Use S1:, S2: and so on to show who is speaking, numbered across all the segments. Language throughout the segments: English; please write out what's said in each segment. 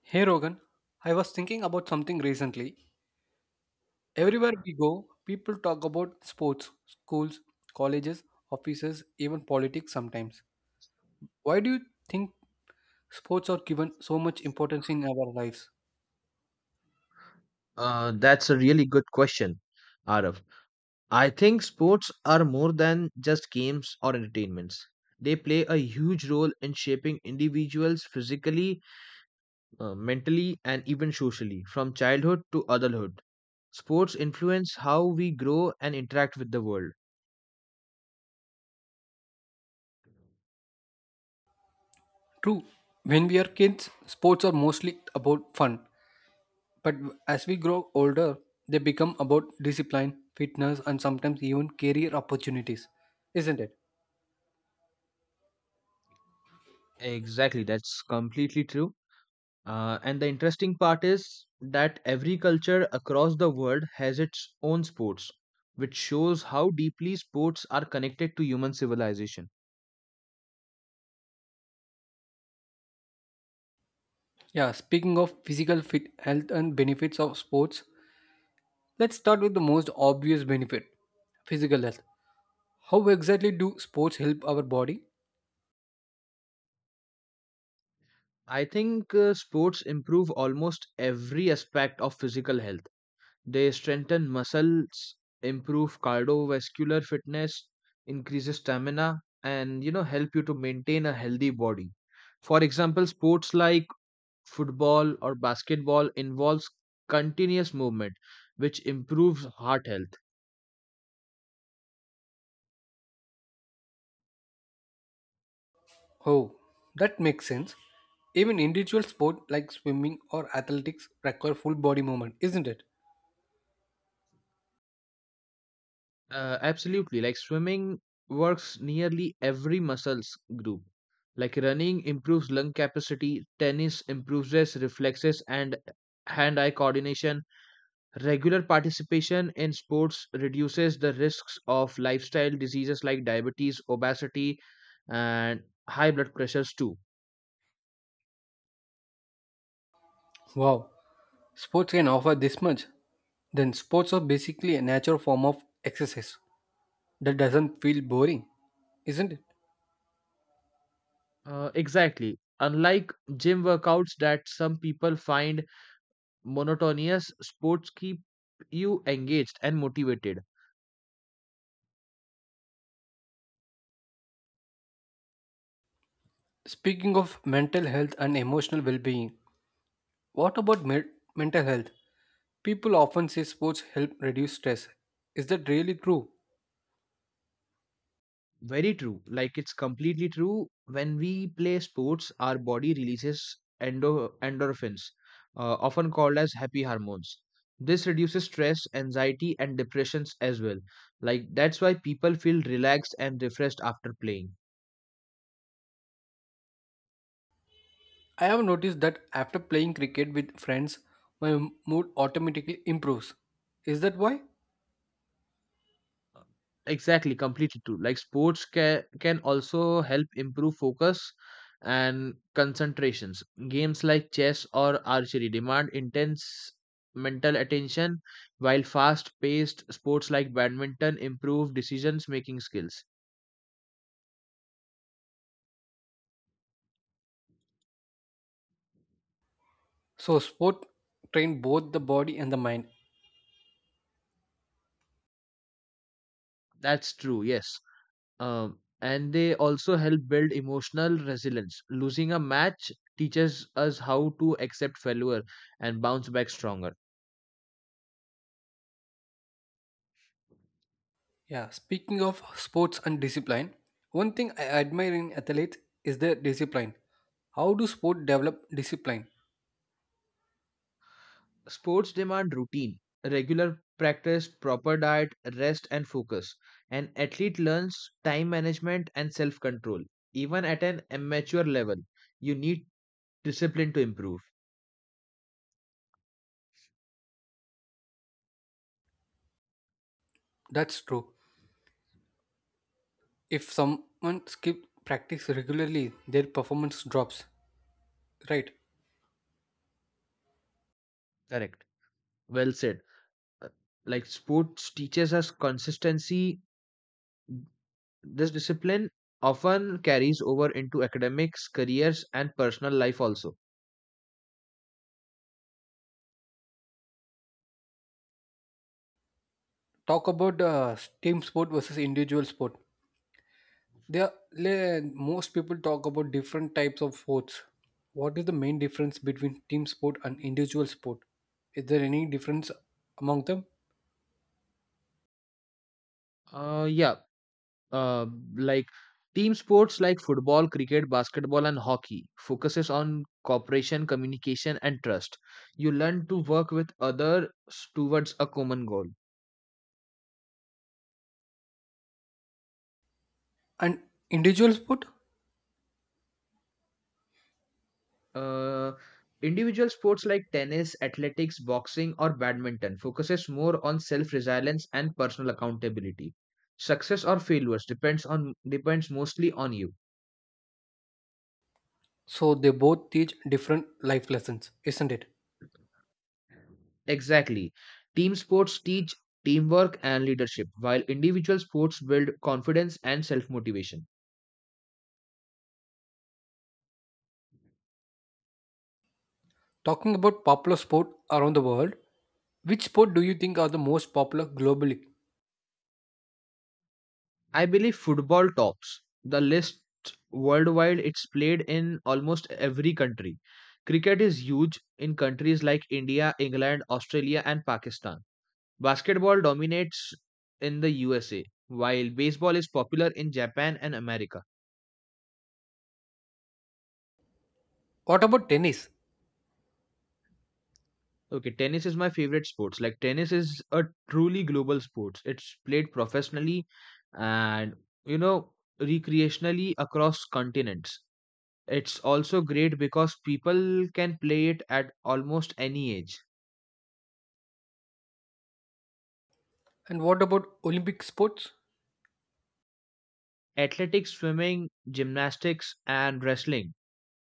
S1: Hey Rogan, I was thinking about something recently. Everywhere we go, people talk about sports, schools, colleges, offices, even politics sometimes. Why do you think sports are given so much importance in our lives?
S2: That's a really good question, Arav. I think sports are more than just games or entertainments. They play a huge role in shaping individuals physically, mentally, and even socially, from childhood to adulthood. Sports influence how we grow and interact with the world.
S1: True, when we are kids, sports are mostly about fun. But as we grow older, they become about discipline, fitness, and sometimes even career opportunities, isn't it?
S2: Exactly, that's completely true. And the interesting part is that every culture across the world has its own sports, which shows how deeply sports are connected to human civilization.
S1: Yeah, speaking of physical fit health and benefits of sports, let's start with the most obvious benefit, physical health. How exactly do sports help our body?
S2: I think sports improve almost every aspect of physical health. They strengthen muscles, improve cardiovascular fitness, increases stamina, and you know help you to maintain a healthy body. For example, sports like football or basketball involves continuous movement which improves heart health.
S1: Oh, that makes sense. Even individual sport like swimming or athletics require full body movement, isn't it?
S2: Absolutely, like swimming works nearly every muscles group, like running improves lung capacity, tennis improves reflexes and hand eye coordination. Regular participation in sports reduces the risks of lifestyle diseases like diabetes, obesity, and high blood pressures too.
S1: Wow, sports can offer this much. Then sports are basically a natural form of exercise that doesn't feel boring, isn't it?
S2: Exactly. Unlike gym workouts that some people find monotonous, sports keep you engaged and motivated.
S1: Speaking of mental health and emotional well being, what about mental health? People often say sports help reduce stress. Is that really true?
S2: Very true. Like it's completely true. When we play sports, our body releases endorphins, often called as happy hormones. This reduces stress, anxiety, and depressions as well. Like that's why people feel relaxed and refreshed after playing.
S1: I have noticed that after playing cricket with friends, my mood automatically improves. Is that why?
S2: Exactly, completely true. Like sports can also help improve focus and concentrations. Games like chess or archery demand intense mental attention, while fast-paced sports like badminton improve decision making skills.
S1: So, sport train both the body and the mind.
S2: That's true, yes. And they also help build emotional resilience. Losing a match teaches us how to accept failure and bounce back stronger.
S1: Yeah, speaking of sports and discipline, one thing I admire in athletes is their discipline. How do sport develop discipline?
S2: Sports demand routine, regular practice, proper diet, rest, and focus. An athlete learns time management and self control. Even at an amateur level, you need discipline to improve.
S1: That's true. If someone skip practice regularly, their performance drops. Right.
S2: Correct. Well said. Uh, Like sports teaches us consistency, this discipline often carries over into academics, careers, and personal life also.
S1: Talk about team sport versus individual sport. There, most people talk about different types of sports. What is the main difference between team sport and individual sport? Is there any difference among them?
S2: Uh, yeah, uh, like team sports like football, cricket, basketball, and hockey focuses on cooperation, communication, and trust. You learn to work with others towards a common goal.
S1: And individual sport,
S2: uh, Individual sports like tennis, athletics, boxing, or badminton focuses more on self resilience and personal accountability. Success or failures depends mostly on you.
S1: so they both teach different life lessons, isn't it?
S2: Exactly. Team sports teach teamwork and leadership, while individual sports build confidence and self motivation.
S1: Talking about popular sport around the world, which sport do you think are the most popular globally?
S2: I believe football tops the list worldwide. It's played in almost every country. Cricket is huge in countries like India, England, Australia, and Pakistan. Basketball dominates in the USA, while baseball is popular in Japan and America.
S1: What about tennis?
S2: Okay, tennis is my favorite sports. Like tennis is a truly global sports. It's played professionally and you know recreationally across continents. It's also great because people can play it at almost any age.
S1: And what about Olympic sports?
S2: Athletics, swimming, gymnastics, and wrestling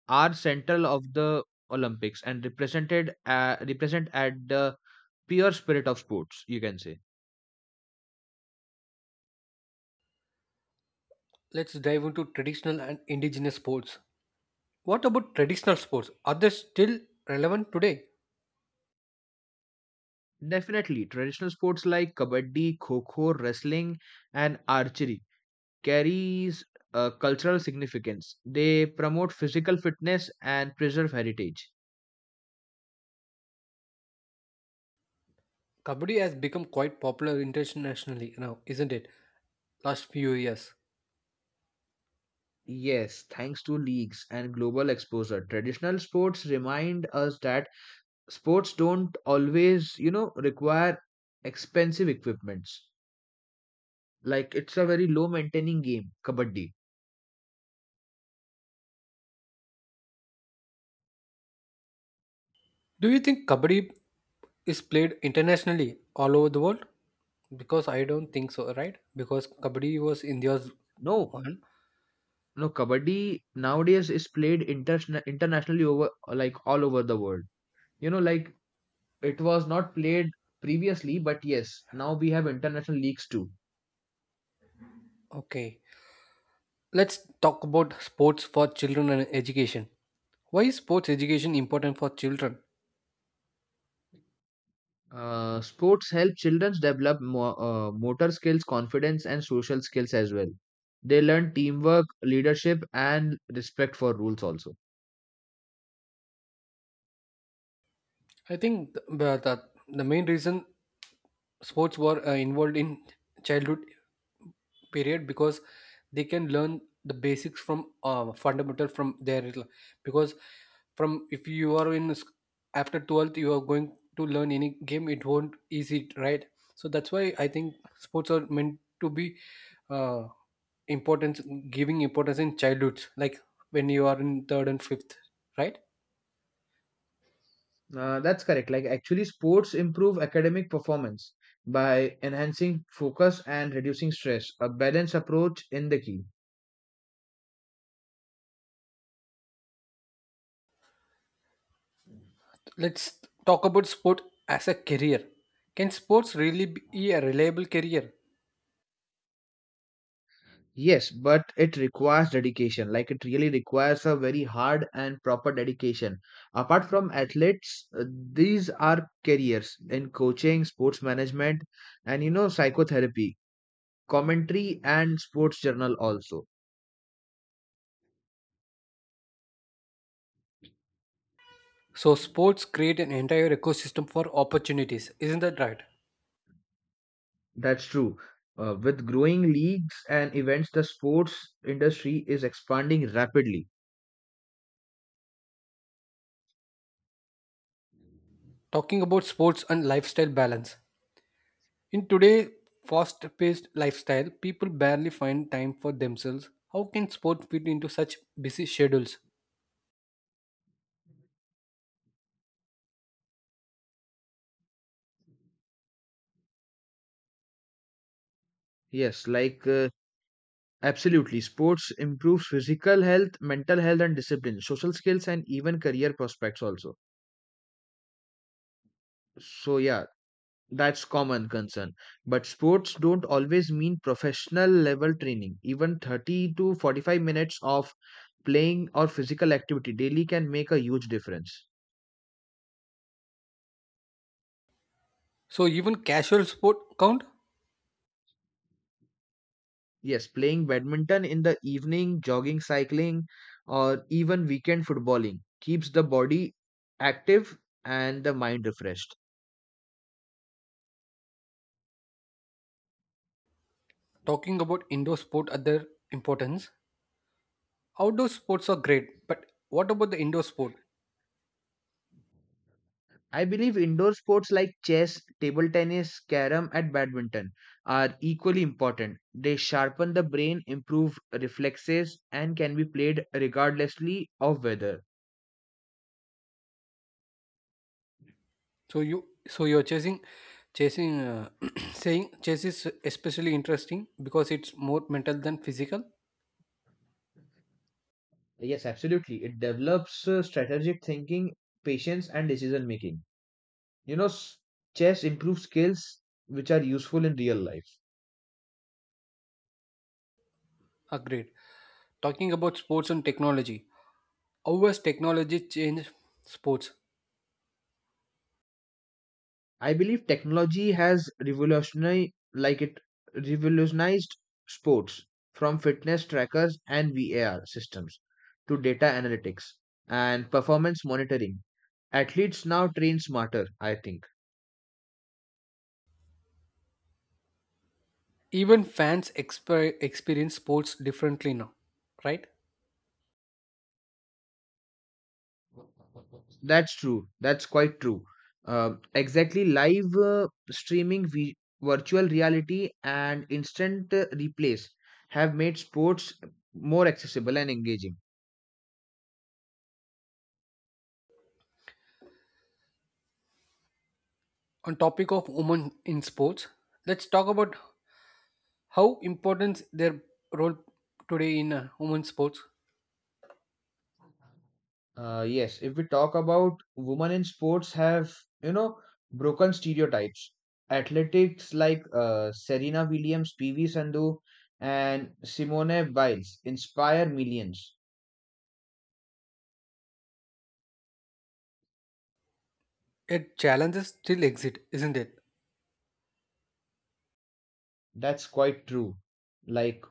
S2: are central of the Olympics and represent at the pure spirit of sports, you can say.
S1: Let's dive into traditional and indigenous sports. What about traditional sports? Are they still relevant today?
S2: Definitely, traditional sports like kabaddi, kho kho, wrestling, and archery carries cultural significance. They promote physical fitness and preserve heritage.
S1: Kabaddi has become quite popular internationally now, isn't it? Last few years.
S2: Yes, thanks to leagues and global exposure, traditional sports remind us that sports don't always, you know, require expensive equipments. Like it's a very low maintaining game, kabaddi.
S1: Do you think Kabaddi is played internationally all over the world? Because I don't think so, right? Because Kabaddi was India's
S2: No,
S1: one.
S2: no, kabaddi nowadays is played internationally over like all over the world. You know like it was not played previously, but yes now we have international leagues too.
S1: Okay. Let's talk about sports for children and education. Why is sports education important for children?
S2: Sports help children develop motor skills, confidence, and social skills as well. They learn teamwork, leadership, and respect for rules also.
S1: I think the main reason sports were involved in childhood period because they can learn the basics from fundamental from their, because from, if you are in after 12th you are going to learn any game, it won't easy, right? So that's why I think sports are meant to be uh, importance importance in childhoods, like when you are in third and fifth, right?
S2: That's correct. Like actually sports improve academic performance by enhancing focus and reducing stress. A balanced approach in the key.
S1: Let's talk about sport as a career. Can sports really be a reliable career?
S2: Yes, but it requires dedication. Like it really requires a very hard and proper dedication. Apart from athletes, these are careers in coaching, sports management, and you know, psychotherapy, commentary, and sports journal also.
S1: So sports create an entire ecosystem for opportunities, isn't that right?
S2: That's true. With growing leagues and events, the sports industry is expanding rapidly.
S1: Talking about sports and lifestyle balance. In today's fast-paced lifestyle, people barely find time for themselves. How can sport fit into such busy schedules?
S2: Yes, like absolutely. Sports improves physical health, mental health, and discipline, social skills, and even career prospects also. So yeah, that's common concern. But sports don't always mean professional level training. Even 30 to 45 minutes of playing or physical activity daily can make a huge difference.
S1: So even casual sport count?
S2: Yes, playing badminton in the evening, jogging, cycling, or even weekend footballing keeps the body active and the mind refreshed.
S1: Talking about indoor sport other importance. Outdoor sports are great, but what about the indoor sport?
S2: I believe indoor sports like chess, table tennis, carom, and badminton are equally important. They sharpen the brain, improve reflexes, and can be played regardlessly of weather.
S1: So you, so you're chasing chasing saying chess is especially interesting because it's more mental than physical.
S2: Yes, absolutely. It develops strategic thinking, patience, and decision making. You know, chess improves skills which are useful in real life.
S1: Agreed. Talking about sports and technology, how has technology changed sports?
S2: I believe technology has revolutionized like it revolutionized sports from fitness trackers and VAR systems to data analytics and performance monitoring. Athletes now train smarter, I think.
S1: Even fans experience sports differently now, right?
S2: That's true. That's quite true. Exactly, live streaming, virtual reality, and instant replays have made sports more accessible and engaging.
S1: On topic of women in sports, let's talk about how important their role today in women's sports.
S2: Yes, if we talk about women in sports have, you know, broken stereotypes. Athletics like Serena Williams, PV Sandhu, and Simone Biles inspire millions.
S1: Yet challenges still exist, isn't it?
S2: That's quite true. Like,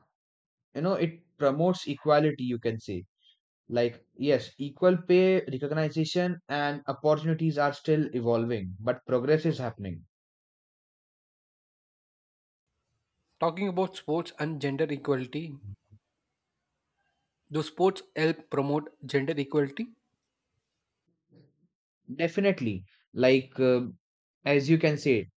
S2: you know, it promotes equality, you can say. Like, yes, equal pay, recognition, and opportunities are still evolving, but progress is happening.
S1: Talking about sports and gender equality, do sports help promote gender equality?
S2: Definitely. Like, as you can say,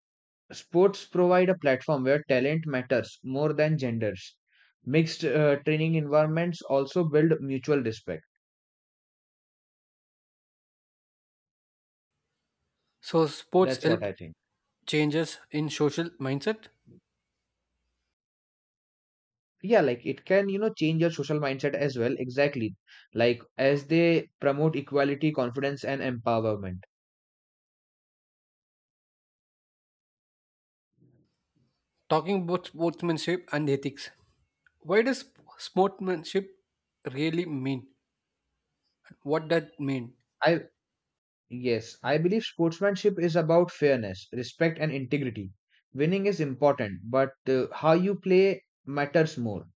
S2: sports provide a platform where talent matters more than genders. Mixed training environments also build mutual respect.
S1: So sports
S2: That's what
S1: help
S2: I think.
S1: changes in social mindset?
S2: Yeah, like it can, you know, change your social mindset as well. Exactly. Like as they promote equality, confidence, and empowerment.
S1: Talking about sportsmanship and ethics, why does sportsmanship really mean? What that mean?
S2: I, yes, I believe sportsmanship is about fairness, respect, and integrity. Winning is important, but how you play matters more.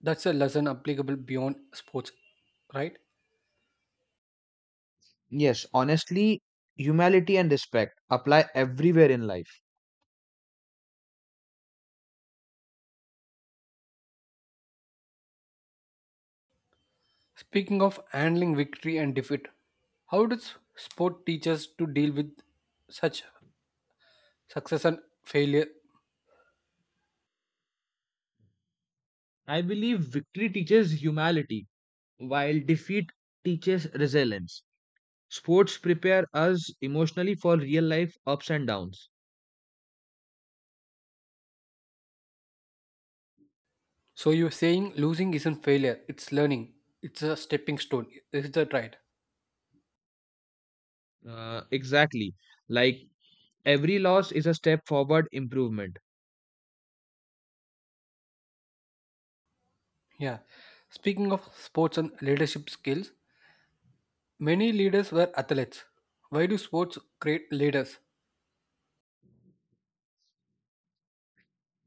S1: That's a lesson applicable beyond sports, right?
S2: Yes, honestly, humility and respect apply everywhere in life.
S1: Speaking of handling victory and defeat, how does sport teach us to deal with such success and failure?
S2: I believe victory teaches humility, while defeat teaches resilience. Sports prepare us emotionally for real life ups and downs.
S1: So you're saying losing isn't failure; it's learning. It's a stepping stone. Is that right?
S2: Exactly. Like every loss is a step forward improvement.
S1: Yeah. Speaking of sports and leadership skills, many leaders were athletes. Why do sports create leaders?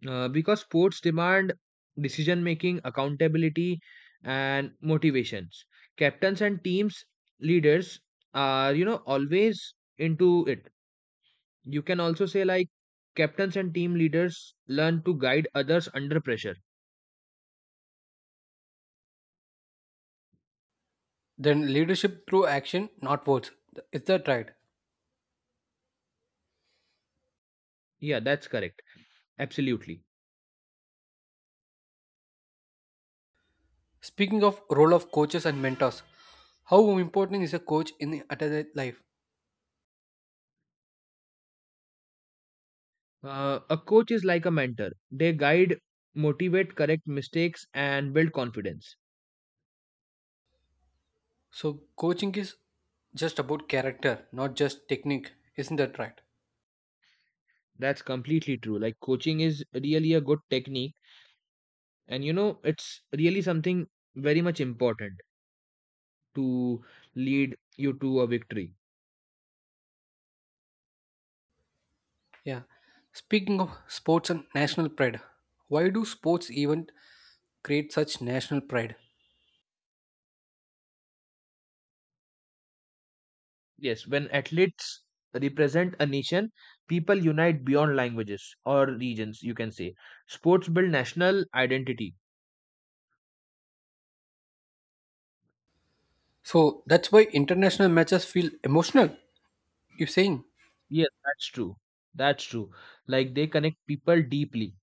S2: Because sports demand decision making, accountability, and motivations. Captains and teams leaders are, you know, always into it. You can also say, like, captains and team leaders learn to guide others under pressure.
S1: Then leadership through action, not words. Is that right?
S2: Yeah, that's correct. Absolutely.
S1: Speaking of role of coaches and mentors, how important is a coach in the athlete life?
S2: A coach is like a mentor. They guide, motivate, correct mistakes, and build confidence.
S1: So coaching is just about character, not just technique. Isn't that right?
S2: That's completely true. Like, coaching is really a good technique. And, you know, it's really something very much important to lead you to a victory.
S1: Yeah. Speaking of sports and national pride, why do sports even create such national pride?
S2: Yes, when athletes represent a nation, people unite beyond languages or regions, you can say. Sports build national identity.
S1: So that's why international matches feel emotional. You're saying?
S2: Yes, that's true. That's true. Like they connect people deeply.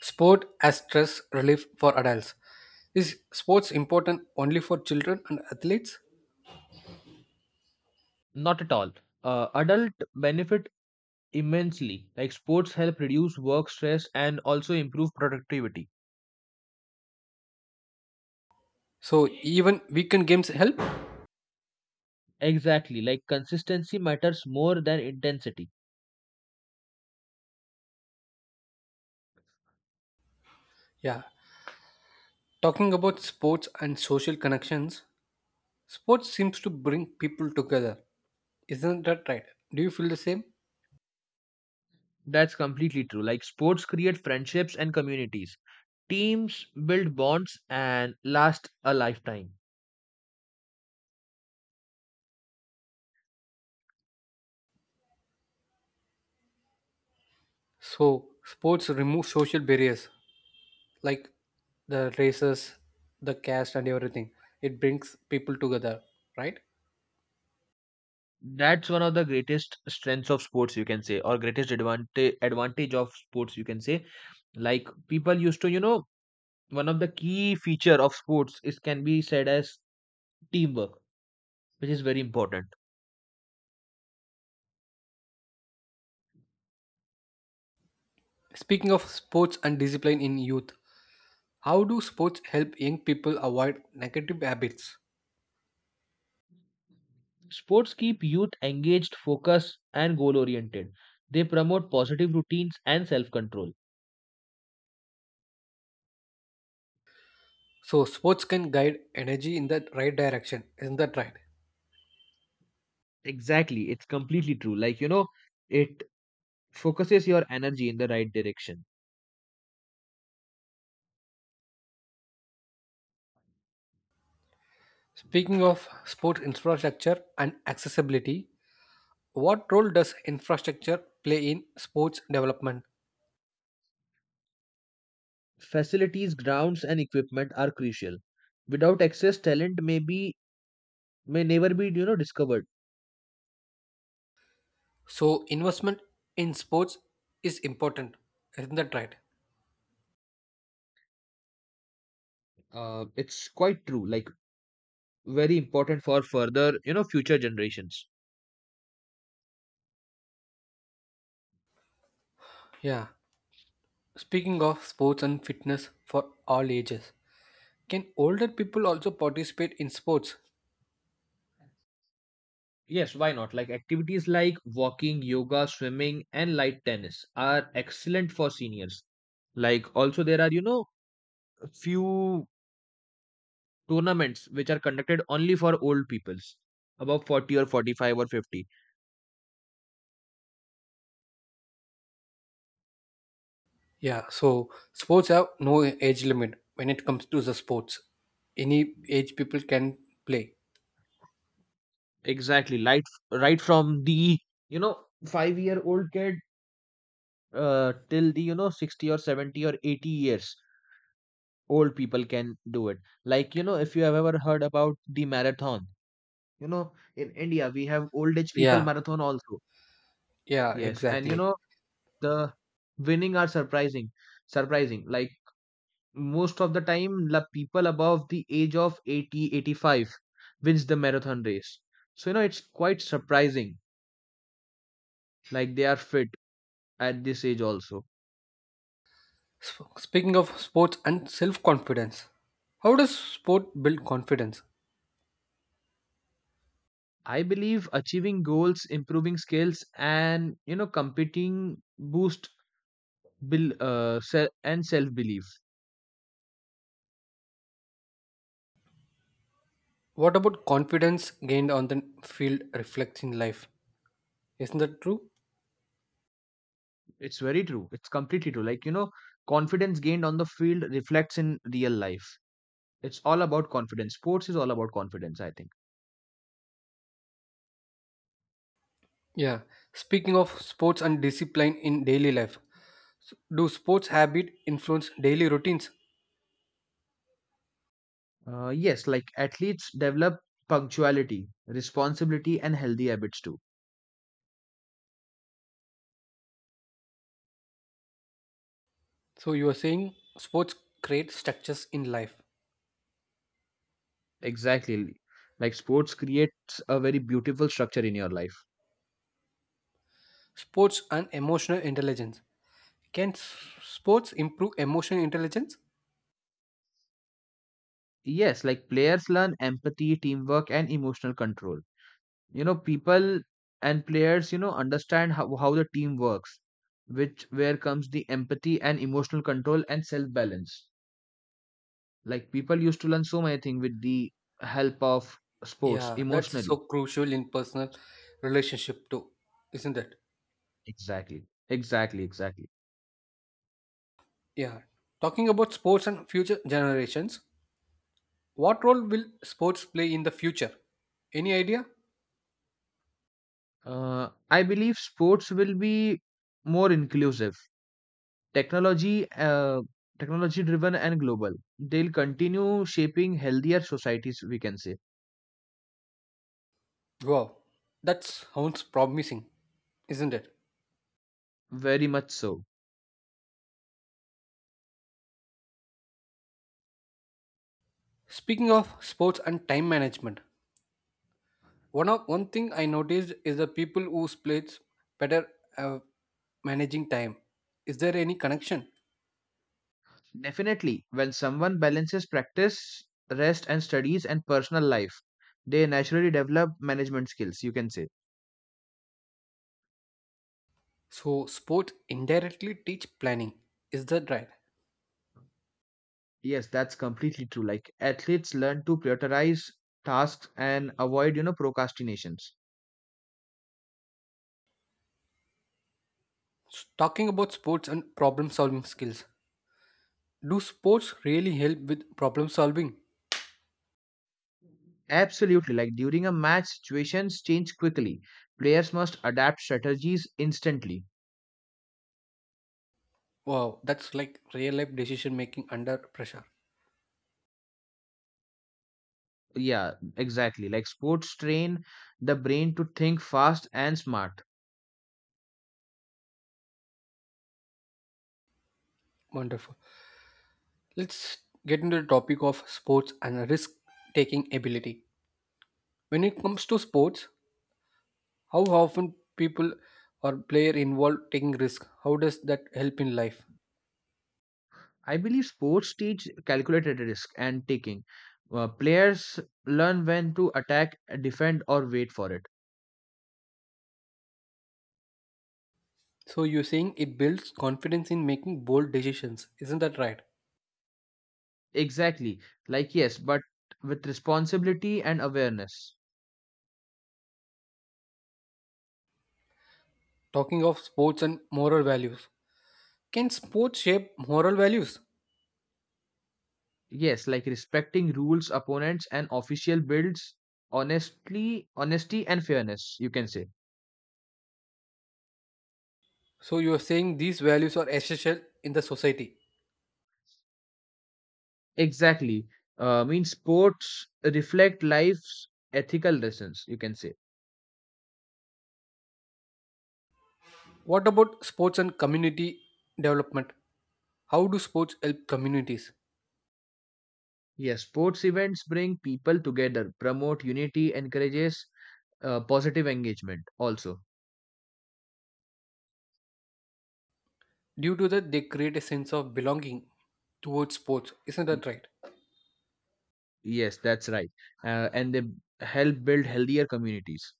S1: Sport as stress relief for adults. Is sports important only for children and athletes?
S2: Not at all. Adult benefit immensely. Like sports help reduce work stress and also improve productivity.
S1: So even weekend games help?
S2: Exactly. Like consistency matters more than intensity.
S1: Yeah. Talking about sports and social connections, sports seems to bring people together. Isn't that right? Do you feel the same?
S2: That's completely true. Like sports create friendships and communities. Teams build bonds and last a lifetime.
S1: So sports remove social barriers like the races, the caste and everything. It brings people together, right?
S2: That's one of the greatest strengths of sports, you can say, or greatest advantage of sports, you can say. Like people used to, you know, one of the key feature of sports is can be said as teamwork, which is very important.
S1: Speaking of sports and discipline in youth, how do sports help young people avoid negative habits?
S2: Sports keep youth engaged, focused, and goal oriented. They promote positive routines and self control.
S1: So, sports can guide energy in the right direction, isn't that right?
S2: Exactly, it's completely true. Like you know, it focuses your energy in the right direction.
S1: Speaking of sports infrastructure and accessibility, what role does infrastructure play in sports development?
S2: Facilities, grounds, and equipment are crucial. Without access, talent may never be you know discovered.
S1: So, investment in sports is important, isn't that right?
S2: It's quite true, like very important for further, you know, future generations.
S1: Yeah. Speaking of sports and fitness for all ages, can older people also participate in sports?
S2: Yes, why not? Like activities like walking, yoga, swimming, and light tennis are excellent for seniors. Like also there are, you know, few tournaments which are conducted only for old peoples above 40 or 45 or 50.
S1: Yeah, so sports have no age limit when it comes to the sports. Any age people can play.
S2: Exactly, like right from the, you know, 5-year-old kid till the, you know, 60 or 70 or 80 years old people can do it. Like you know if you have ever heard about the marathon, you know in india we have old age people
S1: Yeah,
S2: marathon also.
S1: yeah,
S2: Yes and you
S1: exactly.
S2: know the winning are surprising. Like most of the time the people above the age of 80, 85, wins the marathon race. So you know it's quite surprising, like they are fit at this age also.
S1: Speaking of sports and self confidence, how does sport build confidence?
S2: I believe achieving goals, improving skills, and you know competing boost and self belief.
S1: What about confidence gained on the field reflects in life? Isn't that true?
S2: It's very true. It's completely true. Like, you know, confidence gained on the field reflects in real life. It's all about confidence. Sports is all about confidence, I think.
S1: Yeah. Speaking of sports and discipline in daily life, do sports habit influence daily routines?
S2: Yes, like athletes develop punctuality, responsibility, and healthy habits too.
S1: So you are saying sports create structures in life.
S2: Exactly. Like sports creates a very beautiful structure in your life.
S1: Sports and emotional intelligence. Can sports improve emotional intelligence?
S2: Yes, like players learn empathy, teamwork, and emotional control. You know people and players you know understand how the team works, which where comes the empathy and emotional control and self balance. Like people used to learn so many things with the help of sports
S1: Yeah, that's so
S2: emotionally.
S1: crucial in personal relationship too, isn't it?
S2: Exactly, exactly, exactly.
S1: Yeah. Talking about sports and future generations, what role will sports play in the future? Any idea?
S2: I believe sports will be more inclusive, technology uh, technology driven and global. They'll continue shaping healthier societies we can say.
S1: Wow, that sounds promising, isn't it?
S2: Very much so.
S1: Speaking of sports and time management, one thing I noticed is the people who plays better uh, managing time. Is there any connection?
S2: Definitely, when someone balances practice, rest, and studies and personal life, they naturally develop management skills, you can say.
S1: So sports indirectly teach planning. Is that right?
S2: Yes, that's completely true. Like athletes learn to prioritize tasks and avoid, you know, procrastinations.
S1: Talking about sports and problem solving skills. Do sports really help with problem solving?
S2: Absolutely. Like during a match, situations change quickly. Players must adapt strategies instantly.
S1: Wow, that's like real life decision making under pressure.
S2: Yeah, exactly. Like sports train the brain to think fast and smart.
S1: Wonderful. Let's get into the topic of sports and risk taking ability. When it comes to sports, how often people or player involved taking risk? How does that help in life?
S2: I believe sports teach calculated risk and taking. Players learn when to attack, defend, or wait for it.
S1: So you're saying it builds confidence in making bold decisions, isn't that right?
S2: Exactly. Like, yes, but with responsibility and awareness.
S1: Talking of sports and moral values, can sports shape moral values?
S2: Yes, like respecting rules, opponents, and official builds honesty and fairness, you can say.
S1: So you're saying these values are essential in the society.
S2: Exactly. Means sports reflect life's ethical lessons, you can say.
S1: What about sports and community development? How do sports help communities?
S2: Yes, sports events bring people together, promote unity, encourages positive engagement also.
S1: Due to that, they create a sense of belonging towards sports. Isn't
S2: Y-
S1: that right?
S2: Yes, that's right. And they help build healthier communities.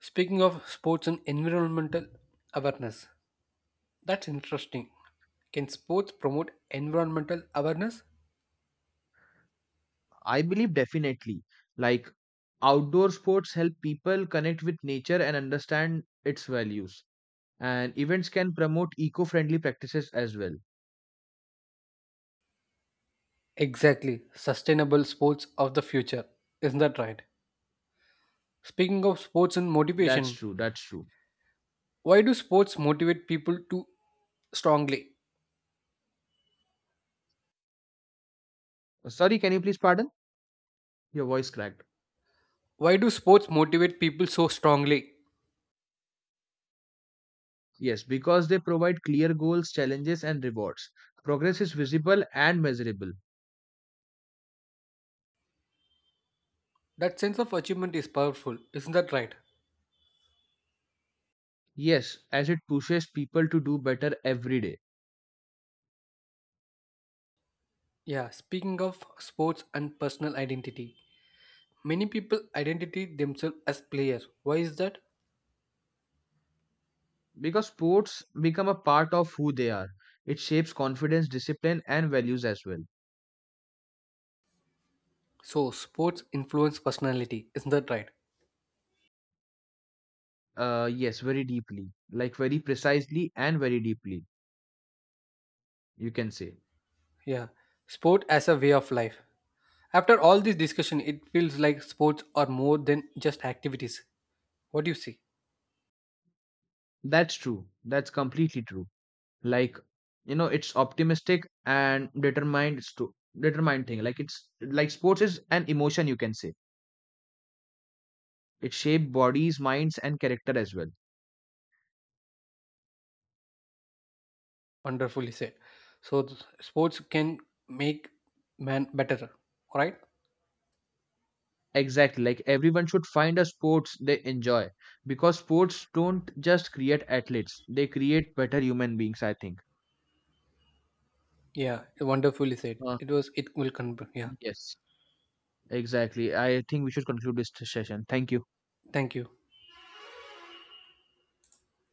S1: Speaking of sports and environmental awareness, that's interesting. Can sports promote environmental awareness?
S2: I believe definitely. Like outdoor sports help people connect with nature and understand its values. And events can promote eco-friendly practices as well.
S1: Exactly, sustainable sports of the future. Isn't that right? Speaking of sports and
S2: That's
S1: motivation,
S2: true. That's true.
S1: why do sports motivate people too strongly?
S2: Sorry, can you please pardon? Your voice cracked.
S1: Why do sports motivate people so strongly?
S2: Yes, because they provide clear goals, challenges, and rewards. Progress is visible and measurable.
S1: That sense of achievement is powerful, isn't that right?
S2: Yes, as it pushes people to do better every day.
S1: Yeah, speaking of sports and personal identity, many people identify themselves as players. Why is that?
S2: Because sports become a part of who they are. It shapes confidence, discipline, and values as well.
S1: So, sports influence personality, isn't that right?
S2: Yes, very deeply. Like very precisely and very deeply, you can say.
S1: Yeah, sport as a way of life. After all this discussion, it feels like sports are more than just activities. What do you see?
S2: That's true. That's completely true. Like, you know, it's optimistic and determined thing. Like it's like sports is an emotion, you can say. It shaped bodies, minds, and character as well.
S1: Wonderfully said. So sports can make man better, right?
S2: Exactly. Like everyone should find a sports they enjoy because sports don't just create athletes; they create better human beings. I think.
S1: Yeah, wonderfully said.
S2: Uh,
S1: It was. It will come. Yeah.
S2: yes. Yes. Exactly. I think we should conclude this session. Thank you.
S1: Thank you.